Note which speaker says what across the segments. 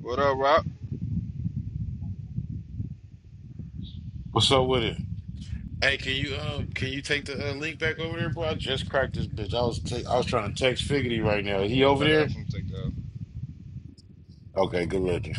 Speaker 1: What up, Rock?
Speaker 2: What's up with it? Hey, can you uh can you take the uh, link back over there, bro? I just cracked this bitch. I was ta- I was trying to text Figgity right now. He over
Speaker 1: I got
Speaker 2: there?
Speaker 1: some take that.
Speaker 2: Okay, good looking.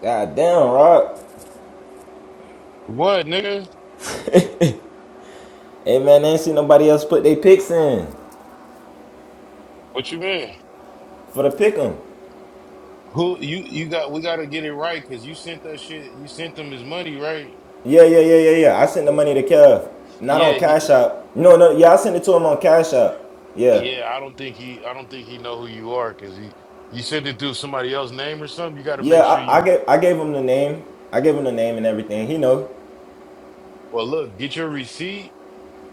Speaker 3: God damn, Rob.
Speaker 2: What, nigga?
Speaker 3: Hey man, I ain't seen nobody else put their picks in
Speaker 2: What you mean?
Speaker 3: for the pick 'em.
Speaker 2: Who you you got? We got to get it right because you sent that shit. You sent them his money, right?
Speaker 3: Yeah, yeah, yeah, yeah, yeah. I sent the
Speaker 2: But
Speaker 3: money to Kev. Not
Speaker 2: yeah,
Speaker 3: on Cash
Speaker 2: he
Speaker 3: App. No, no, yeah, I sent it to him on Cash App. Yeah.
Speaker 2: yeah. I don't think he I don't think he know who you are because he you sent it through somebody else's name or something. You got to
Speaker 3: Yeah,
Speaker 2: make sure
Speaker 3: I, I
Speaker 2: you
Speaker 3: gave I gave him the name. I gave him the name and everything. He know.
Speaker 2: well look get your receipt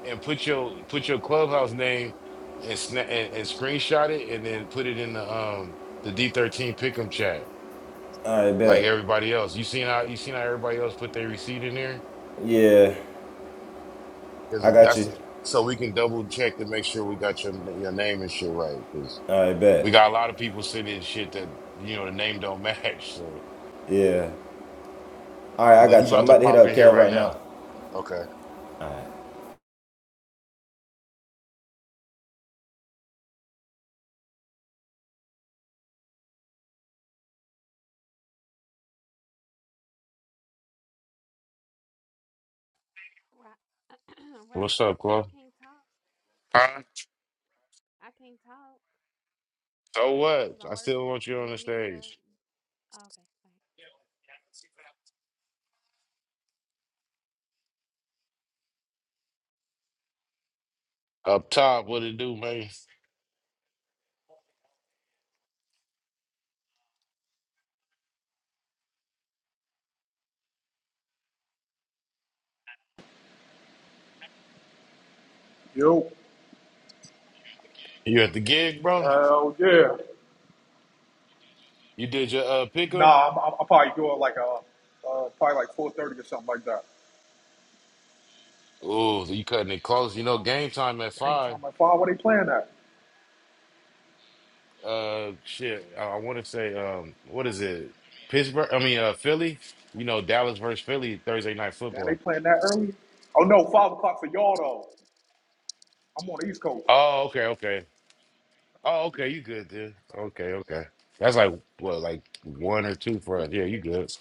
Speaker 2: and put your put your clubhouse name and sna- and, and screenshot it and then put it in the um the D thirteen pick'em chat
Speaker 3: Alright,
Speaker 2: like
Speaker 3: bet.
Speaker 2: everybody else. You seen how you seen how everybody else put their receipt in there
Speaker 3: Yeah. I
Speaker 2: because
Speaker 3: got
Speaker 2: that's
Speaker 3: you.
Speaker 2: so we can double check to make sure we got your your name and shit right because
Speaker 3: Alright, bet.
Speaker 2: we got a lot of people sending shit that you know the name don't match. So,
Speaker 3: Yeah. Alright, I
Speaker 2: but he
Speaker 3: got you. I'm
Speaker 2: about to
Speaker 3: about to hit
Speaker 2: pop
Speaker 3: up
Speaker 2: in here
Speaker 3: Kev
Speaker 2: right
Speaker 3: right
Speaker 2: now.
Speaker 3: now.
Speaker 2: Okay,
Speaker 4: Right,
Speaker 2: what's
Speaker 4: right.
Speaker 2: up,
Speaker 4: I
Speaker 2: Chloe?
Speaker 4: can't talk.
Speaker 2: Huh?
Speaker 4: I can't talk
Speaker 2: So what?
Speaker 4: because I'm
Speaker 2: I still
Speaker 4: working.
Speaker 2: want you
Speaker 4: Do
Speaker 2: on the
Speaker 4: you need me to?
Speaker 2: stage.
Speaker 4: oh, Okay, wait.
Speaker 2: Up top, what it do, man?
Speaker 5: Yo,
Speaker 2: You at the gig, bro?
Speaker 5: hell yeah.
Speaker 2: You did your uh picker?
Speaker 5: Nah, I'm, I'm, I'll probably do it like a, uh, probably like 4.30 or something like that.
Speaker 2: Oh, you cutting it close. You know, game time at
Speaker 5: Game
Speaker 2: five.
Speaker 5: time at 5, what they playing at?
Speaker 2: Uh shit. I, I wanna say um what is it? Pittsburgh I mean uh Philly. You know, Dallas versus Philly, Thursday night
Speaker 5: Man, they
Speaker 2: football.
Speaker 5: playing that early? Oh no, 5 o'clock for y'all though. I'm on the East Coast.
Speaker 2: Oh, okay, okay. Oh, okay, you good dude? Okay, okay. That's like what, like one or two for
Speaker 5: Yeah.
Speaker 2: us. Yeah, you good.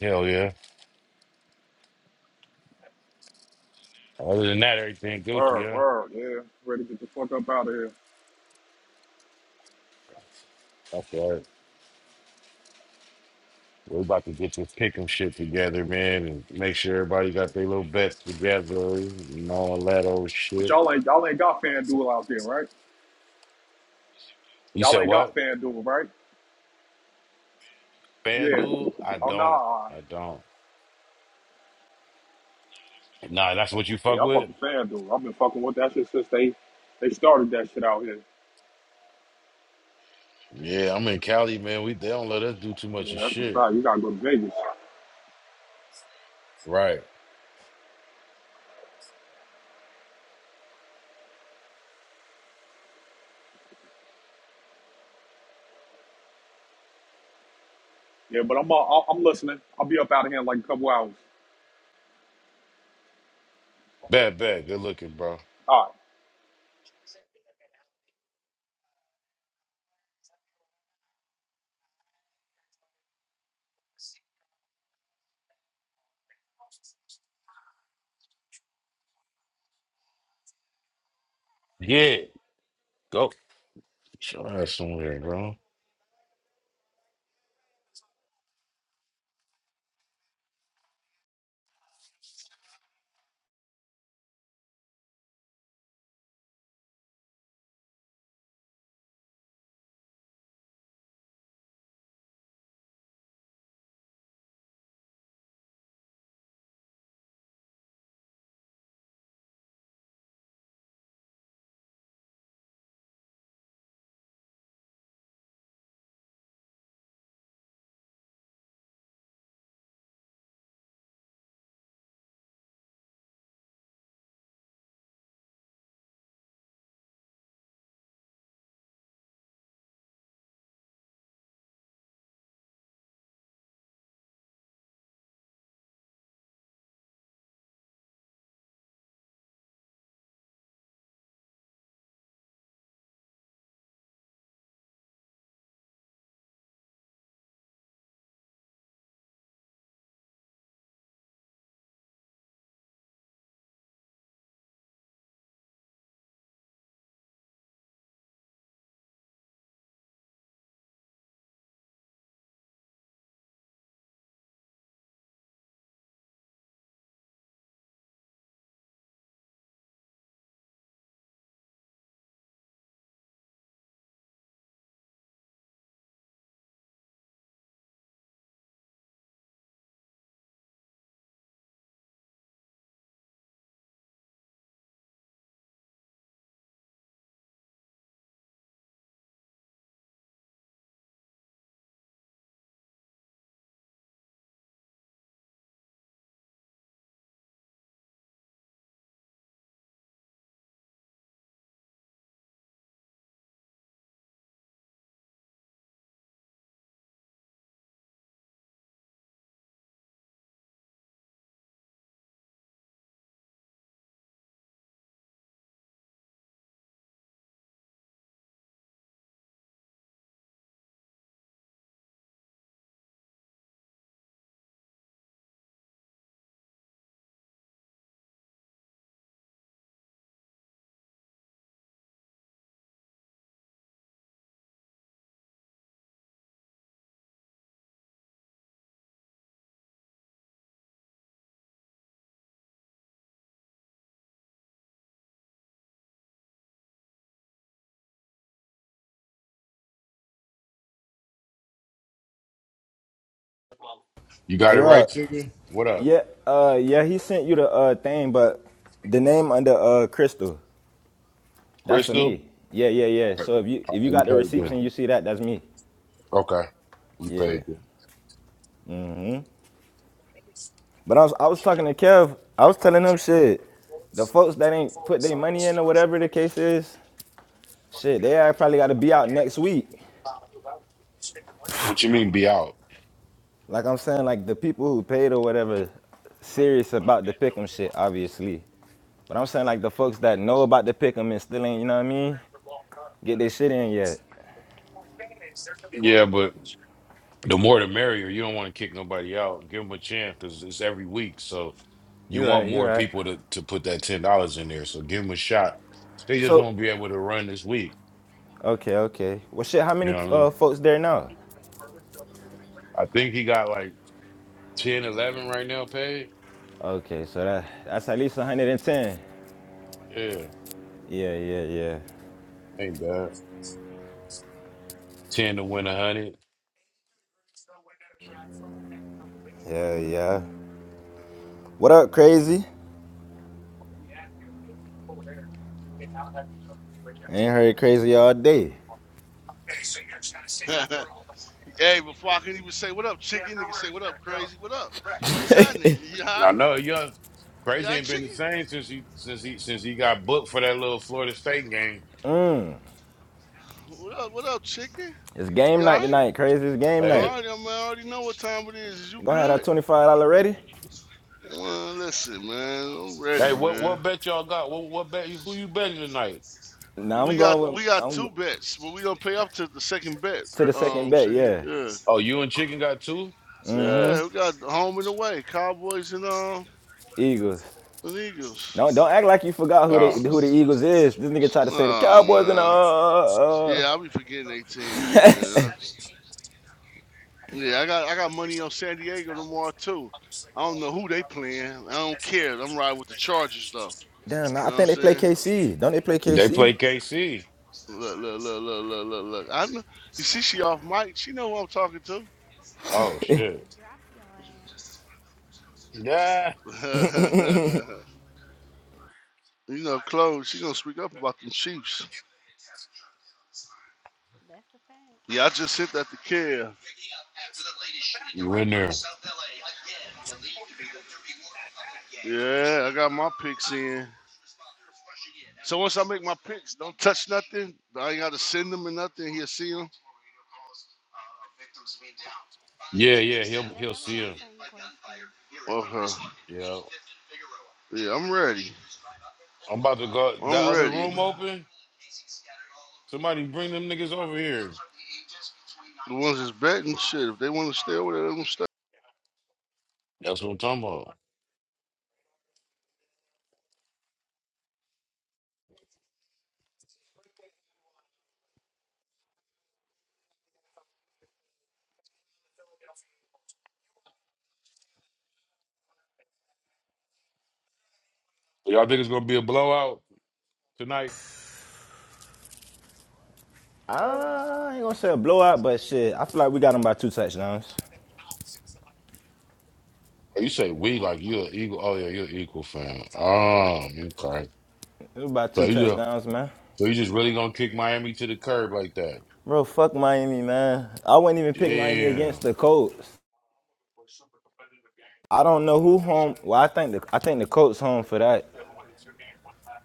Speaker 2: Hell yeah. Other than that, everything Gucci,
Speaker 5: Word,
Speaker 2: yeah.
Speaker 5: word, yeah. Ready to get the fuck up out of here.
Speaker 2: That's all right. We're about to get this pick 'em shit together, man, and make sure everybody got their little bets together and all that old
Speaker 5: But
Speaker 2: shit.
Speaker 5: y'all ain't, y'all ain't got FanDuel out there, right?
Speaker 2: You
Speaker 5: Y'all
Speaker 2: said
Speaker 5: ain't got
Speaker 2: what?
Speaker 5: FanDuel, right? Yeah.
Speaker 2: FanDuel? I
Speaker 5: Oh
Speaker 2: don't.
Speaker 5: nah.
Speaker 2: I don't. Nah, that's what you fuck
Speaker 5: Yeah, I
Speaker 2: with?
Speaker 5: fucking FanDuel. I've been fucking with that shit since they, they started that shit out here.
Speaker 2: Yeah, I'm in Cali, man. We they don't let us do too much of
Speaker 5: Yeah, that's a
Speaker 2: shit.
Speaker 5: fact. You gotta go to Vegas.
Speaker 2: Right.
Speaker 5: Yeah, but I'm uh, I'm listening. I'll be up out of here in like a couple hours.
Speaker 2: Bad, bad. Good looking, bro.
Speaker 5: All right.
Speaker 2: Yeah. Go. Show her somewhere, bro. You got
Speaker 3: Hey
Speaker 2: it right,
Speaker 3: Rod.
Speaker 2: Tigger? What up?
Speaker 3: Yeah, uh yeah, he sent you the uh thing, but the name under uh Crystal. That's for
Speaker 2: Crystal?
Speaker 3: me. Yeah, yeah,
Speaker 2: All
Speaker 3: yeah.
Speaker 2: right,
Speaker 3: So if you if you
Speaker 2: You
Speaker 3: got the
Speaker 2: paid
Speaker 3: receipts
Speaker 2: then.
Speaker 3: and you see that, that's me.
Speaker 2: Okay. You
Speaker 3: Yeah.
Speaker 2: paid then.
Speaker 3: But I was I was talking to Kev. I was telling him shit. The folks that ain't put their money in or whatever the case is, shit, they probably got to be out next week.
Speaker 2: What you mean be out?
Speaker 3: Like I'm saying, like the people who paid or whatever, serious about the pick'em shit, obviously. But I'm saying like the folks that know about the pick'em and still ain't, you know what I mean? Get their shit in yet.
Speaker 2: Yeah, but the more the merrier. You don't want to kick nobody out. Give them a chance because it's every week. So you
Speaker 3: You're
Speaker 2: want
Speaker 3: right. You're
Speaker 2: more
Speaker 3: right.
Speaker 2: people to, to put that ten dollars in there. So give them a shot. They just
Speaker 3: So
Speaker 2: won't be able to run this week.
Speaker 3: okay, okay. Well, shit, how
Speaker 2: You
Speaker 3: many
Speaker 2: know what I mean?
Speaker 3: uh, folks there now?
Speaker 2: I think he got like ten, eleven right now paid.
Speaker 3: Okay, so that that's at least 110.
Speaker 2: Yeah,
Speaker 3: Yeah, yeah, yeah.
Speaker 2: ain't bad. Ten to win a hundred.
Speaker 3: Yeah, yeah. What up, crazy? I Ain't heard crazy all day.
Speaker 6: hey, before I can even say what up, chicken, nigga say what up, crazy, what up? What's happening? You alright?
Speaker 2: I know young
Speaker 6: You
Speaker 2: crazy
Speaker 6: alright,
Speaker 2: ain't been the
Speaker 6: chicken?
Speaker 2: same since he since he since he got booked for that little Florida State game.
Speaker 6: What up? What up, chicken?
Speaker 3: It's
Speaker 6: You
Speaker 3: game night
Speaker 6: alright?
Speaker 3: tonight, crazy. It's game
Speaker 2: Hey,
Speaker 3: night.
Speaker 2: it-
Speaker 6: Alright, I, mean, I already know what time it is. Is you
Speaker 3: Go ahead, that
Speaker 6: good?
Speaker 3: $25 ready?
Speaker 6: Well, listen, man, I'm
Speaker 2: hey,
Speaker 6: ready,
Speaker 2: what
Speaker 6: man.
Speaker 2: what bet y'all got? What what bet? Who you betting tonight?
Speaker 3: Now I'm
Speaker 6: We got
Speaker 3: going with
Speaker 6: we got
Speaker 3: I'm
Speaker 6: two bets, but we gonna pay up to the second bet.
Speaker 3: to the
Speaker 6: cra-
Speaker 3: second
Speaker 6: Um,
Speaker 3: bet,
Speaker 6: chicken.
Speaker 3: yeah.
Speaker 6: yeah,
Speaker 2: Oh, you and Chicken got two?
Speaker 6: yeah,
Speaker 3: Mm-hmm.
Speaker 6: we got home and away, Cowboys and um,
Speaker 3: Eagles.
Speaker 6: and
Speaker 3: Don't
Speaker 6: Eagles.
Speaker 3: don't act like you forgot who they
Speaker 2: Oh,
Speaker 3: who the Eagles is. This nigga tried to say the
Speaker 6: Oh
Speaker 3: Cowboys and uh,
Speaker 6: man,
Speaker 3: uh uh.
Speaker 6: yeah, I'll be forgetting 18, man. Yeah, I got I got money on San Diego tomorrow too. I don't know who they playing. I don't care. I'm riding with the Chargers though.
Speaker 3: Damn, nah,
Speaker 6: You
Speaker 3: I
Speaker 6: know what I'm
Speaker 3: think they play
Speaker 6: saying?
Speaker 3: KC. Don't they play
Speaker 2: they
Speaker 4: Crazy?
Speaker 3: KC?
Speaker 2: play KC.
Speaker 6: Look, look, look, look, look, look, look. I know. You see, she off mic. She know who I'm talking to.
Speaker 2: Oh
Speaker 4: I'm about to
Speaker 2: shit.
Speaker 4: drop your ass.
Speaker 2: Yeah.
Speaker 6: you know, Chloe. She gonna speak up about them Chiefs.
Speaker 4: That's a fact.
Speaker 6: Yeah, I just hit that to Kev.
Speaker 2: You in there?
Speaker 6: Yeah, I got my picks in. So once I make my picks, don't touch nothing. I ain't got to send them or nothing. He'll see them.
Speaker 2: Yeah, yeah. He'll
Speaker 4: Yeah,
Speaker 2: he'll
Speaker 4: that was
Speaker 2: see
Speaker 4: my
Speaker 2: him.
Speaker 4: same question.
Speaker 6: Okay.
Speaker 2: Yeah.
Speaker 6: Yeah, I'm ready.
Speaker 2: I'm about to go. That
Speaker 6: I'm
Speaker 2: other
Speaker 6: ready.
Speaker 2: room open. Somebody bring them niggas over here.
Speaker 6: The ones that's betting, shit, if they want to stay over there, let them stay.
Speaker 2: That's what I'm talking about. Y'all think it's gonna be a blowout tonight?
Speaker 3: I ain't gonna say a blowout, but shit, I feel like we got them by two touchdowns.
Speaker 2: Oh, You say we like you an eagle. Oh yeah, you're an equal fan. Oh, okay.
Speaker 3: It was about
Speaker 2: So
Speaker 3: two
Speaker 2: you just,
Speaker 3: touchdowns, man.
Speaker 2: so you just really gonna kick Miami to the curb like that?
Speaker 3: Bro, fuck Miami, man. I wouldn't even pick Miami against
Speaker 2: Damn.
Speaker 3: the Colts. I don't know who home. Well, I think the I think the Colts home for that.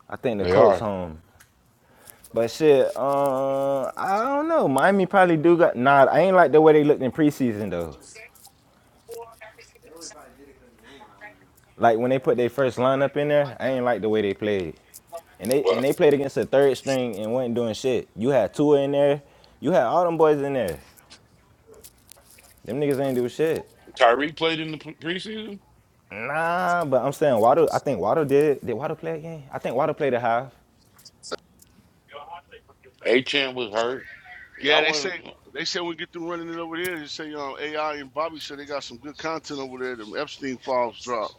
Speaker 3: I think the
Speaker 2: They
Speaker 3: Colts
Speaker 2: are.
Speaker 3: home. But shit, uh, I don't know. Miami probably do got nah. I ain't like the way they looked in preseason though. Like when they put their first lineup in there, I ain't like the way they played. And they
Speaker 2: What?
Speaker 3: and they played against a third string and wasn't doing shit. You had Tua in there. You had all them boys in there. Them niggas ain't do shit.
Speaker 2: Tyree played in the pre- preseason.
Speaker 3: Nah, but I'm saying Waddle. I think Waddle did. Did Waddle play again? I think Waddle played a half.
Speaker 2: Achan was hurt.
Speaker 6: Yeah,
Speaker 2: Y'all
Speaker 6: they say
Speaker 2: wasn't.
Speaker 6: they say when we get them running it over there. They say um, AI and Bobby said they got some good content over there. Them Epstein files dropped.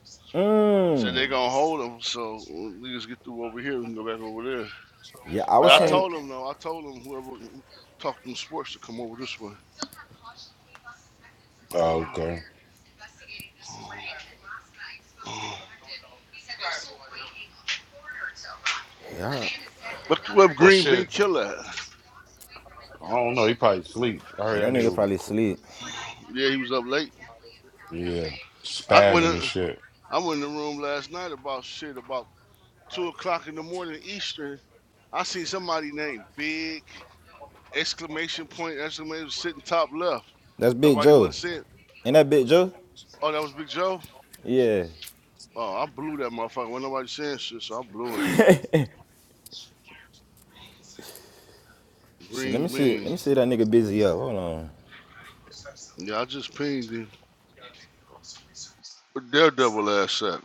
Speaker 6: Said
Speaker 3: Mmm.
Speaker 6: they gonna hold them, so we just get through over here and go back over there.
Speaker 3: Yeah, I
Speaker 6: But
Speaker 3: was
Speaker 2: All
Speaker 6: I
Speaker 2: right.
Speaker 3: saying.
Speaker 6: told them though, I told them whoever talked them sports to come over this way.
Speaker 2: Oh, okay.
Speaker 3: Yeah.
Speaker 6: Look where
Speaker 2: Well,
Speaker 6: Green Bean
Speaker 2: shit.
Speaker 6: Killer. at.
Speaker 2: I don't know. He probably sleep. I
Speaker 3: Yeah,
Speaker 2: heard
Speaker 3: that
Speaker 2: that nigga.
Speaker 3: nigga probably
Speaker 2: was-
Speaker 3: sleep.
Speaker 6: Yeah, he was up late.
Speaker 2: Yeah,
Speaker 6: I went.
Speaker 2: spazzing
Speaker 6: In,
Speaker 2: and shit.
Speaker 6: I went in the room last night about shit about two o'clock in the morning Eastern. I seen somebody named Big exclamation point exclamation sitting top left.
Speaker 3: That's Big
Speaker 6: Nobody
Speaker 3: Joe.
Speaker 6: wasn't saying.
Speaker 3: Ain't that Big Joe?
Speaker 6: Oh, that was Big Joe.
Speaker 3: Yeah.
Speaker 6: Oh, I blew that motherfucker. When nobody saying shit, so I blew it.
Speaker 3: See, let me
Speaker 6: Green
Speaker 3: see.
Speaker 6: bean.
Speaker 3: Let me see that nigga busy up. Hold on.
Speaker 6: Yeah, I just pinged him. But Daredevil ass sack.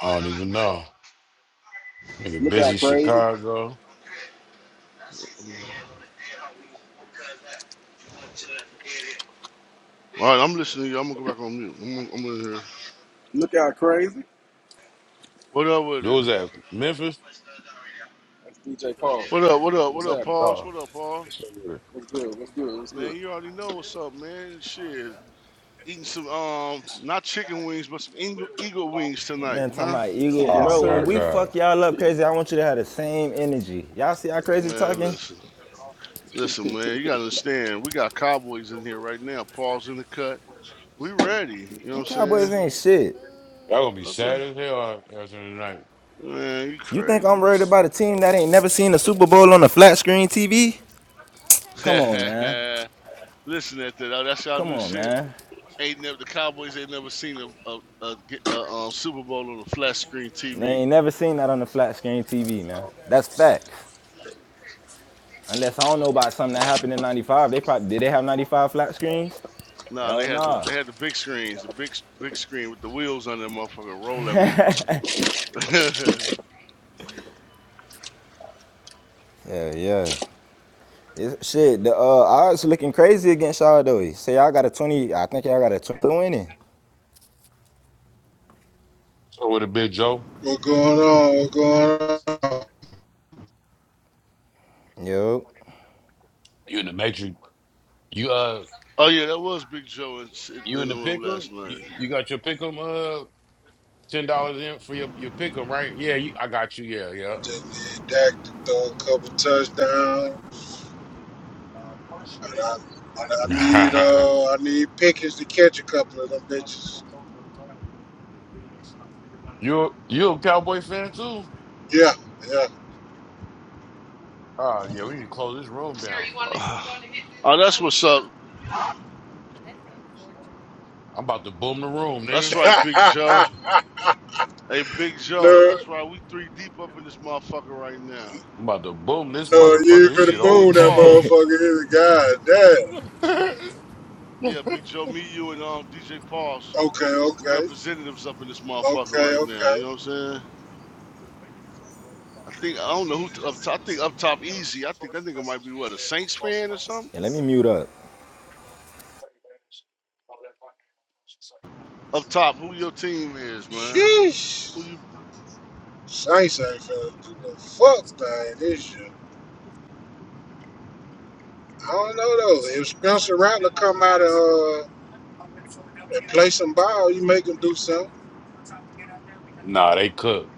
Speaker 2: I don't even know. Nigga,
Speaker 7: Look out,
Speaker 2: busy
Speaker 7: crazy.
Speaker 2: Chicago.
Speaker 6: All right, I'm listening to you. I'm gonna go back on mute. I'm, gonna- I'm gonna hear.
Speaker 7: Look out, crazy.
Speaker 6: What up with
Speaker 2: Who
Speaker 6: it?
Speaker 2: was that? Memphis.
Speaker 7: That's DJ Paul.
Speaker 6: What up? What up? What
Speaker 7: What's
Speaker 6: up,
Speaker 7: happening?
Speaker 6: Pauls?
Speaker 2: Oh,
Speaker 6: What up, Paul?
Speaker 2: that's so good.
Speaker 7: What's good? What's good? What's good?
Speaker 6: Man, you already know what's up, man. Shit, eating some um, not chicken wings, but some eagle, eagle wings tonight,
Speaker 3: Man, talking
Speaker 6: huh?
Speaker 3: about Eagle,
Speaker 7: yes,
Speaker 2: oh
Speaker 3: bro.
Speaker 2: my
Speaker 3: When we
Speaker 7: sir.
Speaker 2: god,
Speaker 3: fuck y'all up crazy, I want you to have the same energy. Y'all see how crazy
Speaker 6: Man,
Speaker 3: talking?
Speaker 6: listen, listen, man. You gotta understand, we got Cowboys in here right now. Paul's in the cut. We ready. You know
Speaker 3: Them
Speaker 6: what
Speaker 7: Yes,
Speaker 6: I'm saying?
Speaker 3: Cowboys ain't
Speaker 7: sir.
Speaker 3: shit.
Speaker 2: that gonna be
Speaker 4: Boo.
Speaker 6: Okay.
Speaker 2: sad as hell out- after tonight.
Speaker 6: Man, you
Speaker 3: You think I'm
Speaker 6: crazy.
Speaker 3: worried about a team that ain't never seen a Super Bowl on a flat screen TV?
Speaker 4: Okay,
Speaker 3: Come on,
Speaker 4: chicken.
Speaker 3: man.
Speaker 6: listen at that. Oh,
Speaker 4: Talk
Speaker 6: that's y'all
Speaker 4: your
Speaker 3: Come
Speaker 6: new
Speaker 3: on,
Speaker 6: shit.
Speaker 3: man.
Speaker 4: shit.
Speaker 6: Ain't never the Cowboys ain't never seen a a, a, a, um, Super Bowl on a flat screen
Speaker 3: They
Speaker 6: TV.
Speaker 3: ain't never seen that on the flat screen TV, man. That's facts. Unless I don't know about something that happened in '95. They probably did. They have '95 flat screens?
Speaker 6: No, nah,
Speaker 3: Hell
Speaker 6: they had the
Speaker 3: nah.
Speaker 6: they had the big screens, the big big screen with the wheels on that motherfucker. Roll that motherfucker.
Speaker 3: Yeah, yeah. It's, shit, the uh, odds looking crazy against y'all though. Say y'all got a twenty. I think y'all got a twenty winning.
Speaker 2: So with a big Joe,
Speaker 8: What going on? What going on?
Speaker 3: Yo,
Speaker 2: you in the matrix? You uh,
Speaker 6: oh yeah, that was Big Joe in,
Speaker 2: you
Speaker 6: in
Speaker 2: in
Speaker 6: the
Speaker 2: the
Speaker 6: room
Speaker 2: pickle?
Speaker 6: last
Speaker 2: You,
Speaker 6: night.
Speaker 2: you got your pickle? Ten dollars in for your your pick'em, right? Yeah, you, I got you. Yeah, yeah.
Speaker 8: Just need Dak to throw a couple touchdowns. And I, I need uh I need Pickens to catch a couple of them bitches.
Speaker 2: you you a Cowboy fan too?
Speaker 8: Yeah, yeah.
Speaker 2: Oh yeah, we need to close this room down.
Speaker 6: Uh, oh, that's what's up.
Speaker 4: That's unfortunate.
Speaker 2: I'm about to boom the room, nigga.
Speaker 6: That's right, Big Joe. Hey, Big Joe.
Speaker 8: no,
Speaker 6: That's right. We three deep up in this motherfucker right now.
Speaker 2: I'm about to boom this
Speaker 8: no, you ain't
Speaker 2: motherfucker. This
Speaker 6: Me,
Speaker 8: finna
Speaker 2: shit
Speaker 6: you, and
Speaker 8: boom
Speaker 2: over.
Speaker 8: that
Speaker 6: Pauls.
Speaker 8: motherfucker here.
Speaker 6: Yeah, Big Joe. Me, you, and um DJ
Speaker 8: God
Speaker 6: Pauls.
Speaker 8: damn.
Speaker 6: We
Speaker 8: Okay, okay,
Speaker 6: Representatives up in this motherfucker
Speaker 8: okay,
Speaker 6: right now. You
Speaker 8: okay.
Speaker 6: know what I'm saying? I think I don't know who up top. I think up top easy. I think that nigga might be what a Saints fan or something.
Speaker 3: yeah. Let me mute up.
Speaker 6: Up top, who your team is, man?
Speaker 8: Sheesh.
Speaker 6: Who you?
Speaker 8: Saints ain't finna do the fuck thing this year. I don't know though. If Spencer Rattler come out and uh and play some ball, you make him do something.
Speaker 2: nah, they cook.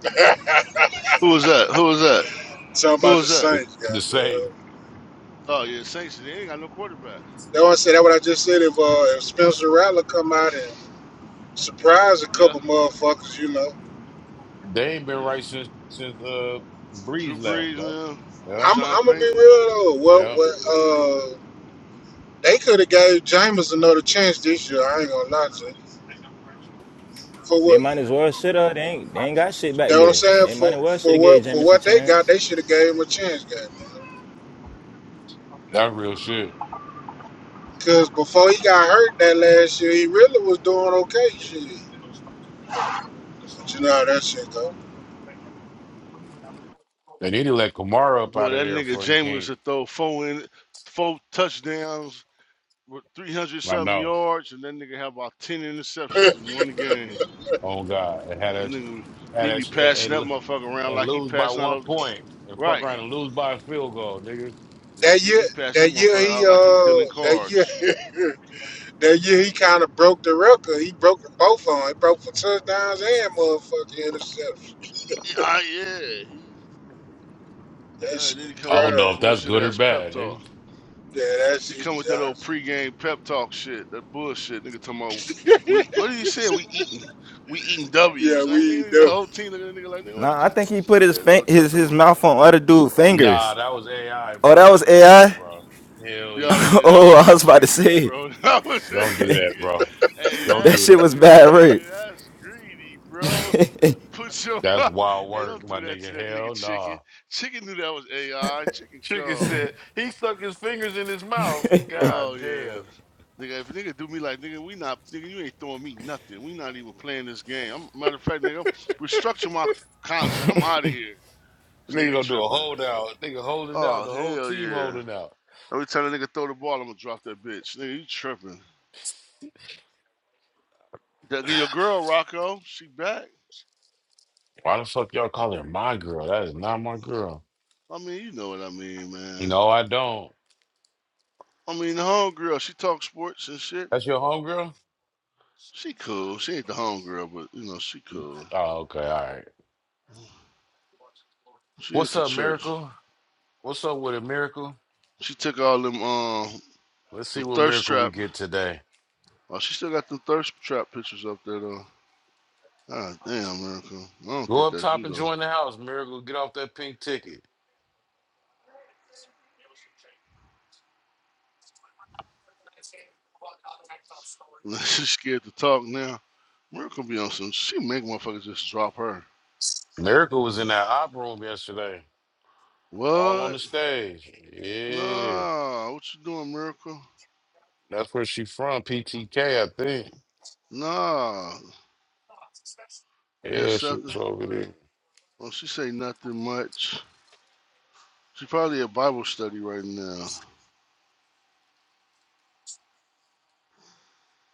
Speaker 6: Who is that? Who is that?
Speaker 8: Something
Speaker 6: Who
Speaker 8: about the
Speaker 6: is that?
Speaker 2: The,
Speaker 8: Saints,
Speaker 2: the same.
Speaker 8: goddamn.
Speaker 6: Oh yeah, Saints. They ain't got no quarterback.
Speaker 8: That's why I said that what I just said. If uh, if Spencer Rattler come out and surprise a
Speaker 6: Yeah,
Speaker 8: couple motherfuckers, you know,
Speaker 2: They ain't been
Speaker 6: yeah.
Speaker 2: right since since uh
Speaker 6: Drew
Speaker 2: Breeze left,
Speaker 6: Brees,
Speaker 2: bro.
Speaker 6: man.
Speaker 2: Yeah,
Speaker 8: I'm
Speaker 6: Sean
Speaker 8: I'm gonna be
Speaker 6: Payton.
Speaker 8: real though. What
Speaker 2: yeah.
Speaker 8: what uh, they could have gave Jameis another chance this year. I ain't gonna lie to you. For
Speaker 3: They
Speaker 8: what
Speaker 3: might as well shit up. They ain't. They ain't got shit back
Speaker 8: that what I'm
Speaker 3: there.
Speaker 8: saying
Speaker 3: They might
Speaker 8: for
Speaker 3: as well should
Speaker 8: for
Speaker 3: have
Speaker 8: what
Speaker 3: gave
Speaker 8: for
Speaker 3: James a
Speaker 8: what they
Speaker 3: chance.
Speaker 8: got, they should have gave him a chance, goddamn.
Speaker 2: That's real shit.
Speaker 8: Cause before he got hurt that last year, he really was doing okay, shit. But you know how that shit go.
Speaker 2: They need to let Kamara up
Speaker 6: Boy,
Speaker 2: out of
Speaker 6: that
Speaker 2: there
Speaker 6: nigga
Speaker 2: before he
Speaker 6: Jameis
Speaker 2: can't.
Speaker 6: to throw four in, four touchdowns with three hundred
Speaker 2: I
Speaker 6: something
Speaker 2: know.
Speaker 6: yards, and that nigga have about ten interceptions in one game.
Speaker 2: Oh God, it had
Speaker 6: That
Speaker 2: us
Speaker 6: nigga,
Speaker 2: had
Speaker 6: he be
Speaker 2: us and,
Speaker 6: passing
Speaker 2: and
Speaker 6: that
Speaker 2: lo-
Speaker 6: motherfucker around
Speaker 2: and
Speaker 6: like he
Speaker 2: lose by
Speaker 6: passing out
Speaker 2: one
Speaker 6: of
Speaker 2: point and fuck around
Speaker 6: right.
Speaker 2: and lose by a field goal, nigga.
Speaker 6: Yeah,
Speaker 8: That
Speaker 6: he,
Speaker 8: year,
Speaker 6: he passed that
Speaker 8: that year
Speaker 6: motherfucker
Speaker 8: he
Speaker 6: out like he dealing
Speaker 8: uh, that
Speaker 6: cards.
Speaker 8: year. That year he kind of broke the record. He broke them both on. He broke for touchdowns and motherfucking interceptions.
Speaker 6: Yeah, Ah, yeah. He,
Speaker 8: That
Speaker 6: uh, then
Speaker 8: shit
Speaker 6: he come
Speaker 2: I
Speaker 6: with
Speaker 2: don't
Speaker 6: that
Speaker 2: know
Speaker 6: old
Speaker 8: crazy.
Speaker 2: if that's
Speaker 6: bullshit
Speaker 2: good or
Speaker 6: ass pep
Speaker 2: bad, nigga.
Speaker 6: talk.
Speaker 8: Yeah, that
Speaker 6: He
Speaker 8: shit
Speaker 6: come with that old
Speaker 8: Johnson.
Speaker 6: pregame pep talk shit. That bullshit, nigga. Talking about we. What did he say? We eating. We eating
Speaker 8: Yeah,
Speaker 6: W's. Like
Speaker 8: we
Speaker 6: nigga,
Speaker 8: ain't
Speaker 6: he's
Speaker 8: never
Speaker 6: a whole team. looking at That nigga like nigga. What
Speaker 3: Nah, I
Speaker 6: you?
Speaker 3: think he put his
Speaker 6: Yeah, nigga. What y'all
Speaker 3: his
Speaker 6: talking
Speaker 3: his
Speaker 6: about?
Speaker 3: mouth on other dude
Speaker 2: Nah,
Speaker 3: fingers.
Speaker 2: that was AI,
Speaker 3: Oh,
Speaker 2: bro.
Speaker 3: that
Speaker 2: That was
Speaker 3: was
Speaker 2: AI,
Speaker 3: AI.
Speaker 2: bro. Hell
Speaker 6: Yo,
Speaker 2: yeah,
Speaker 6: yeah,
Speaker 2: bro.
Speaker 6: that
Speaker 3: oh,
Speaker 6: was
Speaker 3: I
Speaker 6: his
Speaker 3: was about to
Speaker 6: fingers,
Speaker 3: say.
Speaker 6: bro. That was his.
Speaker 2: Don't do that,
Speaker 6: Nigga.
Speaker 2: bro.
Speaker 6: Hey,
Speaker 2: Don't
Speaker 3: That
Speaker 6: that's
Speaker 2: do
Speaker 3: shit
Speaker 2: that,
Speaker 3: was
Speaker 2: bro.
Speaker 3: bad,
Speaker 6: greedy.
Speaker 3: right?
Speaker 6: Hey, that's greedy, bro. Put your
Speaker 2: That's wild
Speaker 6: hey,
Speaker 2: work,
Speaker 6: don't
Speaker 2: my
Speaker 6: do that to
Speaker 2: nigga.
Speaker 6: that nigga
Speaker 2: Hell nah.
Speaker 6: chicken. Chicken knew that was AI. Chicken
Speaker 2: Chicken
Speaker 6: call.
Speaker 2: said he stuck his fingers in his mouth.
Speaker 6: Oh
Speaker 2: God
Speaker 6: yeah.
Speaker 2: damn.
Speaker 6: Nigga, if a nigga do me like nigga, we not nigga, you ain't throwing me nothing. We not even playing this game. I'm, matter of fact, nigga, restructure my contract. I'm out of here. This
Speaker 2: Nigga
Speaker 6: nigga
Speaker 2: gonna do a
Speaker 6: tripping.
Speaker 2: holdout. Nigga holding out.
Speaker 6: Oh
Speaker 2: The whole
Speaker 6: hell
Speaker 2: team
Speaker 6: yeah.
Speaker 2: holding out.
Speaker 6: Every time a nigga throw the ball, I'm gonna drop that bitch. Nigga, you tripping. That your girl, Rocco, she back.
Speaker 2: Why the fuck y'all call her my girl? That is not my girl.
Speaker 6: I mean, you know what I mean, man.
Speaker 2: No, I don't.
Speaker 6: I mean, the home girl, she talks sports and shit.
Speaker 2: That's your homegirl?
Speaker 6: She cool. She ain't the homegirl, but you know she cool.
Speaker 2: Oh, okay. All right.
Speaker 6: She
Speaker 2: What's
Speaker 6: into
Speaker 2: up,
Speaker 6: church.
Speaker 2: Miracle? What's up with it, Miracle?
Speaker 6: She took all them um
Speaker 2: Let's
Speaker 6: the
Speaker 2: see what
Speaker 6: thirst
Speaker 2: Miracle we
Speaker 6: trap.
Speaker 2: get today.
Speaker 6: Oh, she still got the thirst trap pictures up there though. Ah damn, Miracle. I don't
Speaker 2: Go
Speaker 6: think
Speaker 2: up
Speaker 6: that's
Speaker 2: top
Speaker 6: you
Speaker 2: and join the house, Miracle. Get off that pink ticket.
Speaker 6: though. She's scared to talk now. Miracle be on some. She make motherfuckers just drop her.
Speaker 2: Miracle was in that op room yesterday. All on
Speaker 6: What?
Speaker 2: the stage. Yeah.
Speaker 6: Nah. What you doing, Miracle?
Speaker 2: That's where she from, PTK, I think.
Speaker 6: Nah. They
Speaker 2: Yeah, she
Speaker 6: accepted.
Speaker 2: was over there.
Speaker 6: Well, she say nothing much. She probably at Bible study right now.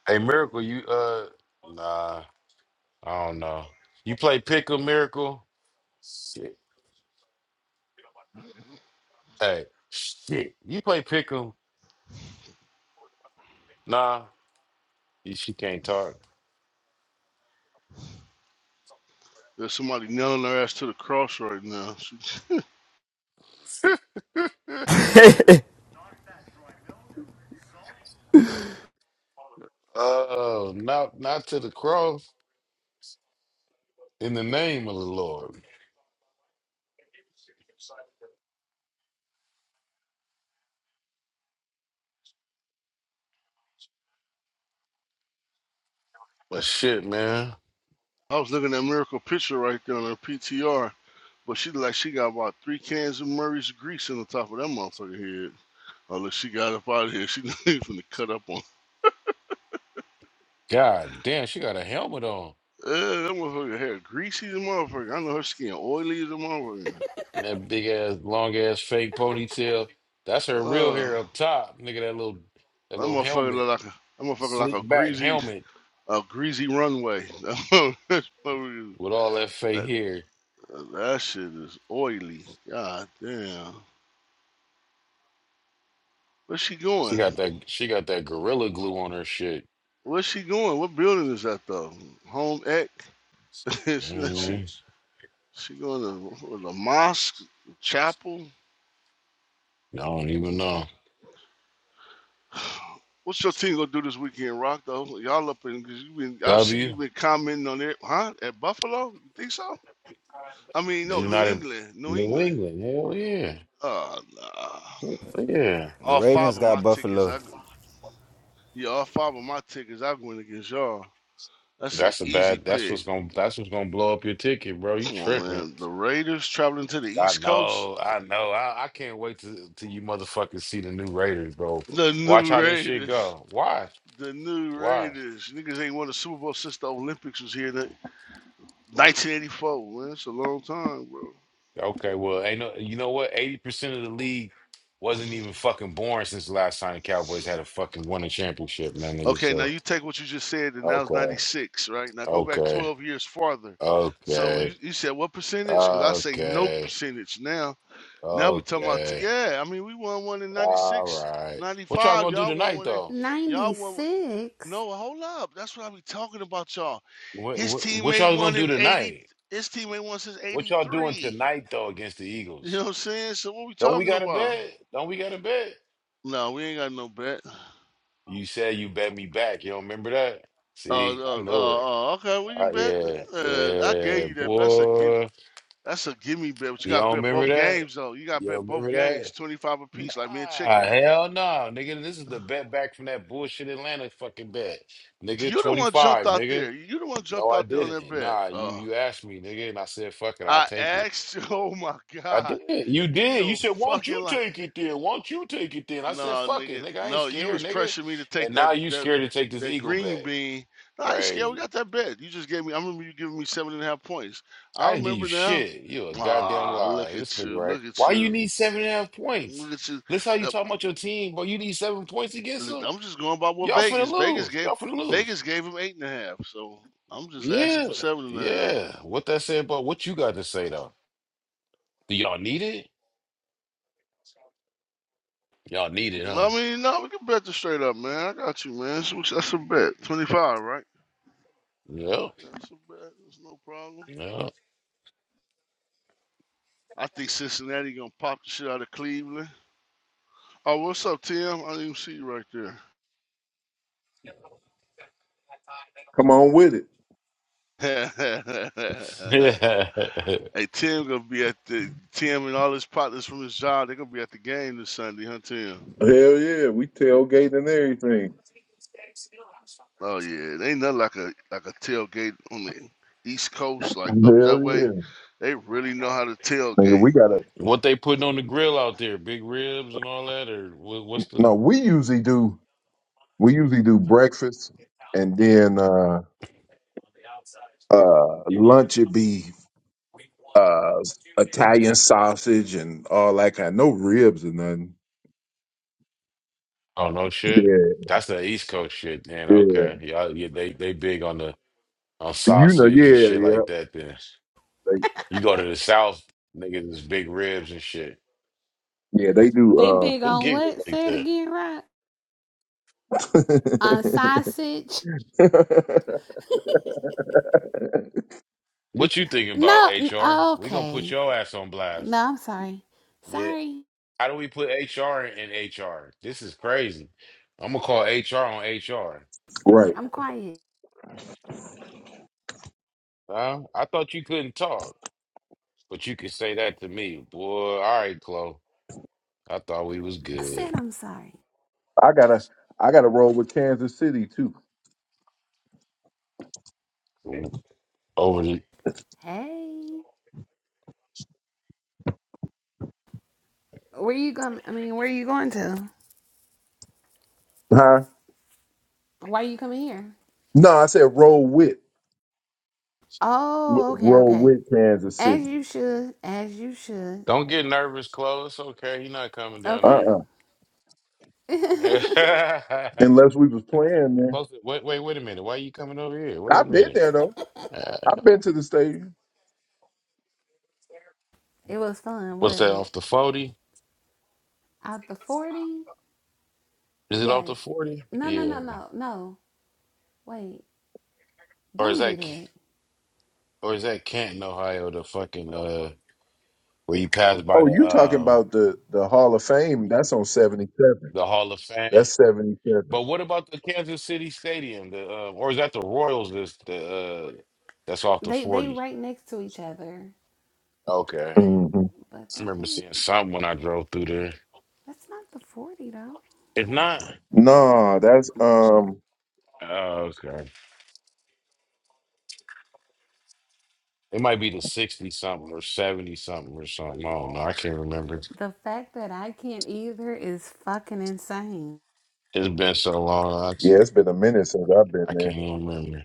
Speaker 2: Hey, Miracle, you uh, nah, I don't know. You play pickle, Miracle? Shit. Hey, shit. You play pickle? Nah, you- she can't talk.
Speaker 6: There's somebody nailing her ass to the cross right now. She,
Speaker 2: oh, not not to the cross in the name of the Lord. But shit, man.
Speaker 6: I was looking at Miracle picture right there on her PTR, but she looked like she got about three cans of Murray's grease on the top of that motherfucker head. Oh, look, she got up out of here. She from the cut up on.
Speaker 2: God damn, she got a helmet on.
Speaker 6: Uh, that motherfucker hair greasy as a motherfucker. I know her skin oily as a motherfucker.
Speaker 2: And that big ass, long ass, fake ponytail. That's her real
Speaker 6: Uh,
Speaker 2: hair up top. Nigga, that little that
Speaker 6: that
Speaker 2: little
Speaker 6: motherfucker
Speaker 2: helmet.
Speaker 6: look like a that motherfucker like a
Speaker 2: slick back
Speaker 6: greasy
Speaker 2: helmet
Speaker 6: a greasy runway. that, motherfucker-
Speaker 2: with all that fake
Speaker 6: that
Speaker 2: hair.
Speaker 6: that shit is oily. God damn. Where's she
Speaker 2: She
Speaker 6: going?
Speaker 2: got that. She got that gorilla glue on her shit.
Speaker 6: Where's she going? What building is that though? Home Ec? she, she,
Speaker 2: Mm,
Speaker 6: she going to the mosque, the chapel.
Speaker 2: I don't even know.
Speaker 6: What's your team gonna do this weekend, Rock? Though y'all up in because you been I see
Speaker 2: W.
Speaker 6: you been commenting on it, huh? At Buffalo, you think so? I mean,
Speaker 2: the
Speaker 6: no, New
Speaker 2: United
Speaker 6: England, New
Speaker 2: New
Speaker 6: England.
Speaker 2: England. Hell yeah.
Speaker 6: Oh, nah.
Speaker 2: Hell yeah.
Speaker 3: The
Speaker 6: all five
Speaker 3: Ravens
Speaker 6: of my
Speaker 3: got
Speaker 6: tickets,
Speaker 3: Buffalo.
Speaker 6: I yeah, all five of my tickets, I going against y'all. That's an
Speaker 2: That's a
Speaker 6: easy
Speaker 2: bad. That's
Speaker 6: pick.
Speaker 2: what's gonna. That's what's gonna blow up your ticket, bro. You
Speaker 6: Come on,
Speaker 2: tripping?
Speaker 6: man. The Raiders traveling to the
Speaker 2: I
Speaker 6: East Coast.
Speaker 2: know. I know. I, I can't wait to till you motherfuckers see the new Raiders, bro.
Speaker 6: The
Speaker 2: Watch
Speaker 6: new
Speaker 2: how this shit
Speaker 6: Raiders.
Speaker 2: go. Watch.
Speaker 6: The new
Speaker 2: Watch.
Speaker 6: Raiders. Niggas ain't won a Super Bowl since the Olympics was here. 1984, man. It's a long time, bro.
Speaker 2: Okay, well, ain't no, you know what? Eighty percent of the league wasn't even fucking born since the last time the Cowboys had a fucking won a championship, man, nigga.
Speaker 6: Okay, now
Speaker 2: So
Speaker 6: you take what you just said, and that was
Speaker 2: okay,
Speaker 6: 96, right? Now go back
Speaker 2: okay,
Speaker 6: 12 years farther. So you,
Speaker 2: okay,
Speaker 6: you said what percentage? Because I say no
Speaker 2: okay,
Speaker 6: percentage now. Now we talking about, t-
Speaker 2: okay.
Speaker 6: yeah, I mean, we won one in
Speaker 2: All
Speaker 6: 96,
Speaker 2: right. What y'all
Speaker 6: 95.
Speaker 2: gonna do
Speaker 6: Y'all won
Speaker 2: tonight,
Speaker 6: one in,
Speaker 2: though?
Speaker 6: y'all won. one-
Speaker 4: 96?
Speaker 6: No, hold up. That's what I be talking about, y'all.
Speaker 2: What,
Speaker 6: His
Speaker 2: what, what
Speaker 6: teammate
Speaker 2: y'all
Speaker 6: won
Speaker 2: gonna do
Speaker 6: in 80,
Speaker 2: tonight?
Speaker 6: his teammate won since
Speaker 2: What y'all doing
Speaker 6: 83.
Speaker 2: tonight, though, against the
Speaker 6: You know
Speaker 2: Eagles?
Speaker 6: what I'm saying? So what we
Speaker 2: Don't we
Speaker 6: talking
Speaker 2: got a
Speaker 6: about?
Speaker 2: bet? Don't we got a bet?
Speaker 6: No, we ain't got no bet.
Speaker 2: You said you bet me back. You don't remember that?
Speaker 6: Uh,
Speaker 2: See, I
Speaker 6: uh,
Speaker 2: knew it.
Speaker 6: uh, uh okay, we
Speaker 2: Uh,
Speaker 6: can bet.
Speaker 2: yeah,
Speaker 6: Uh, I
Speaker 2: yeah,
Speaker 6: gave you that. bet. That's a give.
Speaker 2: boy.
Speaker 6: That's a gimme bet. But you got to
Speaker 2: Y'all
Speaker 6: bet
Speaker 2: remember
Speaker 6: both
Speaker 2: that?
Speaker 6: games though. You got to
Speaker 2: Y'all
Speaker 6: bet both
Speaker 2: remember
Speaker 6: games,
Speaker 2: that?
Speaker 6: twenty five apiece, like me and
Speaker 2: Nah,
Speaker 6: Chicken.
Speaker 2: hell no, nigga. This is the bet back from that bullshit Atlanta fucking bet, nigga.
Speaker 6: You the
Speaker 2: Twenty
Speaker 6: one jumped
Speaker 2: five,
Speaker 6: out
Speaker 2: nigga.
Speaker 6: there. You the one
Speaker 2: No,
Speaker 6: jumped
Speaker 2: I
Speaker 6: out there on that
Speaker 2: didn't.
Speaker 6: bet.
Speaker 2: Nah, you
Speaker 6: Uh,
Speaker 2: you asked me, nigga, and I said, fuck it, I'll
Speaker 6: I
Speaker 2: take it.
Speaker 6: asked you. Oh my
Speaker 2: I
Speaker 6: God,
Speaker 2: did. You
Speaker 6: you
Speaker 2: did. You
Speaker 6: your
Speaker 2: said, won't
Speaker 6: fucking
Speaker 2: you
Speaker 6: life.
Speaker 2: take it then? Won't you take it then? I
Speaker 6: No,
Speaker 2: said, fuck it,
Speaker 6: nigga,
Speaker 2: nigga. I ain't
Speaker 6: no, you
Speaker 2: scared,
Speaker 6: was
Speaker 2: nigga.
Speaker 6: pressuring me to take
Speaker 2: And
Speaker 6: that
Speaker 2: now you
Speaker 6: that
Speaker 2: scared to take this
Speaker 6: that
Speaker 2: eagle
Speaker 6: green
Speaker 2: bet.
Speaker 6: bean. No, I ain't scared.
Speaker 2: Crazy.
Speaker 6: We got that bet. You just gave me. I remember you giving me seven and a half points. I
Speaker 2: I didn't give you
Speaker 6: remember now.
Speaker 2: shit. You a goddamn
Speaker 6: Ah, look
Speaker 2: liar. This
Speaker 6: at
Speaker 2: nigga
Speaker 6: you,
Speaker 2: right.
Speaker 6: look at
Speaker 2: Why you
Speaker 6: you,
Speaker 2: need seven and a half points?
Speaker 6: look at you.
Speaker 2: Listen how you
Speaker 6: That-
Speaker 2: talking about your team, but you need seven points against
Speaker 6: look,
Speaker 2: them?
Speaker 6: I'm just going by what
Speaker 2: Y'all finna
Speaker 6: Vegas. Vegas
Speaker 2: lose.
Speaker 6: gave
Speaker 2: Y'all finna lose.
Speaker 6: Vegas gave him eight and a half. So I'm just asking
Speaker 2: Yeah.
Speaker 6: for seven and a half.
Speaker 2: Yeah. What that say about what you got to say though? Do y'all need it? Y'all need it,
Speaker 6: No,
Speaker 2: huh?
Speaker 6: I mean, no, we can bet this straight up, man. I got you, man. That's, that's a bet. Twenty five, right? That's a bet. It's no problem.
Speaker 2: Yep.
Speaker 6: I think Cincinnati gonna pop the shit out of Cleveland. Oh, what's up, Tim? I didn't even see you right there.
Speaker 9: Come on with it.
Speaker 2: Yep.
Speaker 6: hey, Tim gonna be at the Tim and all his partners from his job. They're gonna be at the game this Sunday, huh, Tim?
Speaker 9: Hell yeah. We tailgate and everything.
Speaker 6: Oh yeah, it ain't nothing like a like a tailgate on the East Coast, like
Speaker 9: Hell
Speaker 6: up that way.
Speaker 9: yeah.
Speaker 6: They really know how to
Speaker 9: Nigga,
Speaker 6: tailgate.
Speaker 9: we gotta
Speaker 2: what they putting on the grill out there? Big ribs and all that, or what, what's
Speaker 9: no,
Speaker 2: the?
Speaker 9: we usually do we usually do breakfast and then uh uh lunch would be uh Italian sausage and all that kind no ribs or nothing.
Speaker 2: Oh no, shit.
Speaker 9: Yeah,
Speaker 2: That's the East Coast shit, man.
Speaker 9: yeah.
Speaker 2: Okay, y'all, yeah, they they big on the on
Speaker 9: You know,
Speaker 2: sausage and shit
Speaker 9: yeah, yeah.
Speaker 2: like that. Then you go to the South, niggas is big ribs and shit.
Speaker 9: They, yeah, they
Speaker 4: They
Speaker 9: do
Speaker 4: big
Speaker 2: Who
Speaker 4: on
Speaker 2: giggles
Speaker 4: what?
Speaker 2: like
Speaker 4: Say it
Speaker 2: that?
Speaker 4: again, right? On sausage?
Speaker 9: uh
Speaker 2: What you thinking about
Speaker 4: No, n-
Speaker 2: HR? We gonna put
Speaker 4: okay.
Speaker 2: your ass on blast.
Speaker 4: No, I'm sorry.
Speaker 2: Yeah.
Speaker 4: Sorry.
Speaker 2: How do we put HR in HR? This is crazy. I'm gonna call HR on HR.
Speaker 9: Right.
Speaker 4: I'm quiet.
Speaker 2: Huh? I thought you couldn't talk, but you could say that to me, boy. All right, Chloe. I thought we was
Speaker 4: I said
Speaker 2: good.
Speaker 4: I'm sorry.
Speaker 9: I gotta I gotta roll with Kansas City too.
Speaker 2: Over. the-
Speaker 4: Hey. Where you going? I mean, where you going to?
Speaker 9: Huh?
Speaker 4: Why are you coming here?
Speaker 9: No, I said roll with. w-
Speaker 4: Oh, okay,
Speaker 9: roll
Speaker 4: okay.
Speaker 9: with Kansas
Speaker 4: As
Speaker 9: City.
Speaker 4: you should. As you should.
Speaker 2: Don't get nervous, Chloe. It's okay. You're not coming down
Speaker 9: Uh
Speaker 4: Okay.
Speaker 9: uh
Speaker 4: it
Speaker 2: there.
Speaker 9: Unless we was playing there.
Speaker 2: Close. Wait, wait, wait a minute. Why you coming over here? Wait a
Speaker 9: I've been
Speaker 2: minute.
Speaker 9: there though.
Speaker 2: Uh,
Speaker 9: I've been to the stadium.
Speaker 4: was fun,
Speaker 2: what's
Speaker 4: wasn't
Speaker 2: that
Speaker 4: it?
Speaker 2: off the forty?
Speaker 4: Out the 40?
Speaker 2: Is it off
Speaker 4: Yes.
Speaker 2: the forty?
Speaker 4: No, no,
Speaker 2: Yeah.
Speaker 4: no, no, no. Wait.
Speaker 2: Or is
Speaker 4: Don't do
Speaker 2: that
Speaker 4: that.
Speaker 2: or is that Canton, Ohio? The fucking uh, where you
Speaker 4: That
Speaker 2: pass
Speaker 4: ain't the.
Speaker 2: by
Speaker 9: Oh,
Speaker 2: the
Speaker 9: you talking
Speaker 2: um
Speaker 9: about the the Hall of Fame? That's on seventy seven.
Speaker 2: the Hall of Fame.
Speaker 9: That's seventy seven.
Speaker 2: But what about the Kansas City Stadium? The uh, or is that the Royals? This the uh, that's off the
Speaker 4: They they
Speaker 2: forty.
Speaker 4: right next to each other,
Speaker 2: Okay.
Speaker 9: Mm-hmm.
Speaker 4: but
Speaker 2: I
Speaker 4: that
Speaker 2: remember
Speaker 4: ain't.
Speaker 2: seeing something when I drove through there.
Speaker 4: That's not the 40 though.
Speaker 2: If not,
Speaker 9: No, that's
Speaker 4: Mm-mm.
Speaker 9: um.
Speaker 2: oh, okay. It might be the sixty something or seventy something or something. I don't know. I can't remember.
Speaker 4: The fact that I can't either is fucking insane.
Speaker 2: It's been so long, I, t-
Speaker 9: Yeah, it's been a minute since I've been
Speaker 2: I can't
Speaker 9: there.
Speaker 2: even remember.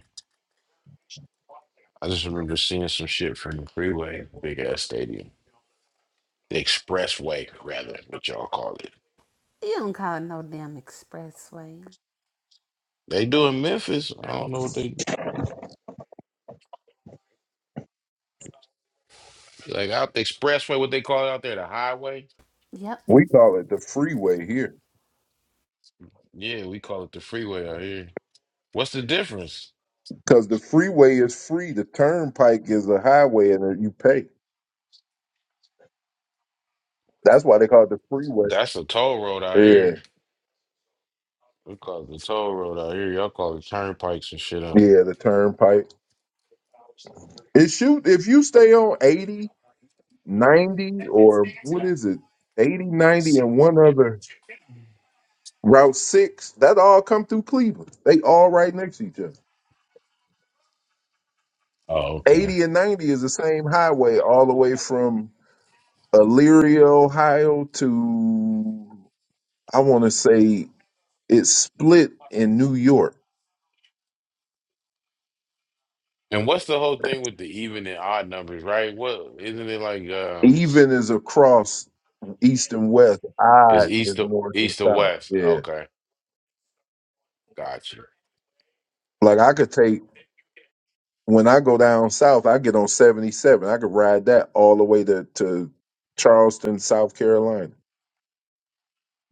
Speaker 2: I just remember seeing some shit from the freeway, big ass stadium, the expressway, rather, what y'all call it.
Speaker 4: You don't call it no damn expressway.
Speaker 2: They do in Memphis. I don't know what they like out the expressway, what they call it out there, the highway.
Speaker 4: Yep.
Speaker 9: We call it the freeway here
Speaker 2: Yeah, we call it the freeway out here. What's the difference?
Speaker 9: because the freeway is free. The turnpike is a highway, and then you pay. That's why they call it the freeway.
Speaker 2: That's a toll road out
Speaker 9: Yeah,
Speaker 2: here. We call it the toll road out here. Y'all call it turnpikes and shit out.
Speaker 9: yeah, the turnpike. It shoot if you stay on eighty 90 or what is it 80, 90, and one other route 6 that all come through cleveland they all right next to each other
Speaker 2: Oh, okay.
Speaker 9: 80 and 90 is the same highway all the way from elyria ohio to i want to say it's split in new york
Speaker 2: And what's the whole thing with the even and odd numbers, right? What isn't it like? Um,
Speaker 9: even is across east and west
Speaker 2: It's
Speaker 9: odd
Speaker 2: east
Speaker 9: is
Speaker 2: to
Speaker 9: north and
Speaker 2: east to
Speaker 9: south
Speaker 2: west.
Speaker 9: yeah
Speaker 2: Okay, gotcha.
Speaker 9: like i could take When I go down south, I get on 77. I could ride that all the way to, to Charleston, South Carolina,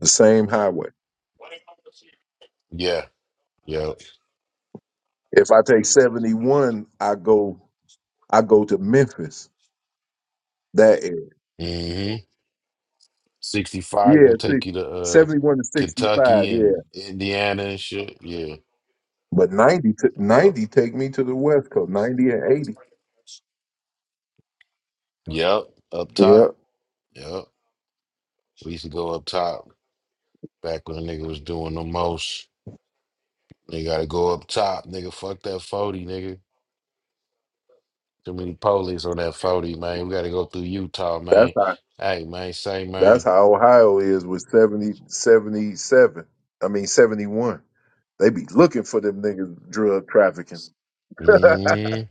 Speaker 9: the same highway.
Speaker 2: Yeah, yeah.
Speaker 9: If I take 71, I go I go to Memphis, that area.
Speaker 2: hmm Sixty-five
Speaker 9: Yeah,
Speaker 2: gonna
Speaker 9: see,
Speaker 2: take you to uh,
Speaker 9: 71 to 65,
Speaker 2: Kentucky
Speaker 9: yeah.
Speaker 2: and Indiana and shit. Yeah.
Speaker 9: But 90, t-
Speaker 2: Yep.
Speaker 9: 90 take me to the West Coast, 90 and 80.
Speaker 2: Yep. Up
Speaker 9: Yeah,
Speaker 2: top. Yep. We used to go up top back when a nigga was doing the most. They gotta go up top, nigga. Fuck that forty, nigga. Too many police on that forty, man. We gotta go through Utah,
Speaker 9: that's
Speaker 2: man.
Speaker 9: how
Speaker 2: Hey, man. Say,
Speaker 9: that's
Speaker 2: man.
Speaker 9: how Ohio is with 70 77. I mean 71. They be looking for them niggas drug trafficking.
Speaker 2: hmm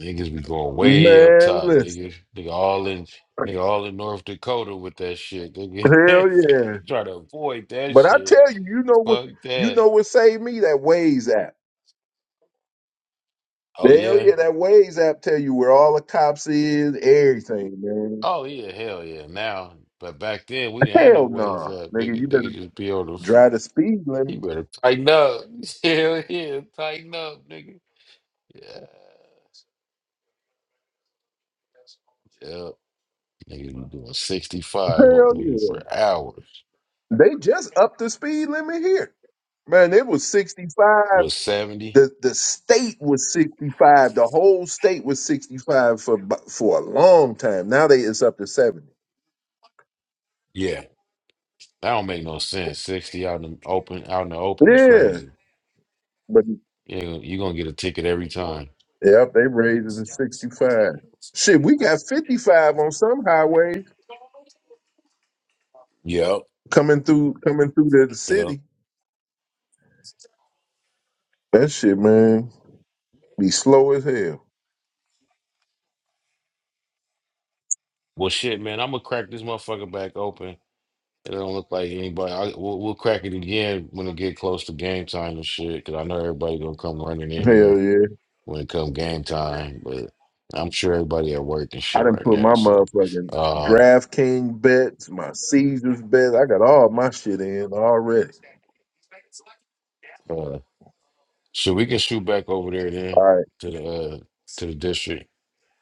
Speaker 2: Niggas be going way up
Speaker 9: Man,
Speaker 2: top,
Speaker 9: listen.
Speaker 2: nigga. Nigga all in nigga all in North Dakota with that shit,
Speaker 9: Hell
Speaker 2: nigga.
Speaker 9: yeah.
Speaker 2: Try to avoid that
Speaker 9: But I
Speaker 2: shit.
Speaker 9: tell you, you know what
Speaker 2: Fuck
Speaker 9: you
Speaker 2: that.
Speaker 9: know what saved me? That Waze app.
Speaker 2: Oh
Speaker 9: Hell
Speaker 2: yeah.
Speaker 9: yeah, that Waze app tell you where all the cops is, everything, man.
Speaker 2: Oh yeah, hell yeah. Now, but back then we didn't have no
Speaker 9: Hell
Speaker 2: ways
Speaker 9: no.
Speaker 2: up,
Speaker 9: Nigga, you
Speaker 2: nigga. Nigga
Speaker 9: better
Speaker 2: just be on the f-
Speaker 9: drive the speed limit.
Speaker 2: You better tighten up. Hell yeah, tighten up, nigga. Yeah. Yep. Niggas be doing 65 oh,
Speaker 9: Hell
Speaker 2: nigga,
Speaker 9: yeah.
Speaker 2: for hours.
Speaker 9: They just upped the speed limit here. Man, it was sixty five.
Speaker 2: Was 70?
Speaker 9: The the state was sixty five. The whole state was sixty five for bu- for a long time. Now they it's up to seventy.
Speaker 2: Yeah. That don't make no sense. Sixty out in the open, out in the open is
Speaker 9: Yeah.
Speaker 2: crazy. You you gonna get a ticket every time.
Speaker 9: Yep, they raised it to 65. Shit, we got 55 on some highways
Speaker 2: Yep.
Speaker 9: coming through coming through the
Speaker 2: Yep.
Speaker 9: city. That shit, man, be slow as hell.
Speaker 2: Well, shit, man, I'm gonna crack this motherfucker back open. It don't look like anybody. I, we'll, we'll crack it again when it get close to game time and shit. Cause I know everybody gonna come running in here
Speaker 9: Hell yeah.
Speaker 2: when it come game time. But I'm sure everybody at work and
Speaker 9: I
Speaker 2: shit
Speaker 9: done
Speaker 2: right
Speaker 9: put my
Speaker 2: now. So,
Speaker 9: motherfucking
Speaker 2: um,
Speaker 9: DraftKings bets, my Caesars bets. I got all my shit in already.
Speaker 2: uh, so we can shoot back over there then
Speaker 9: All right,
Speaker 2: to the uh, to the district.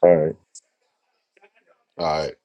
Speaker 9: all right.
Speaker 2: All right.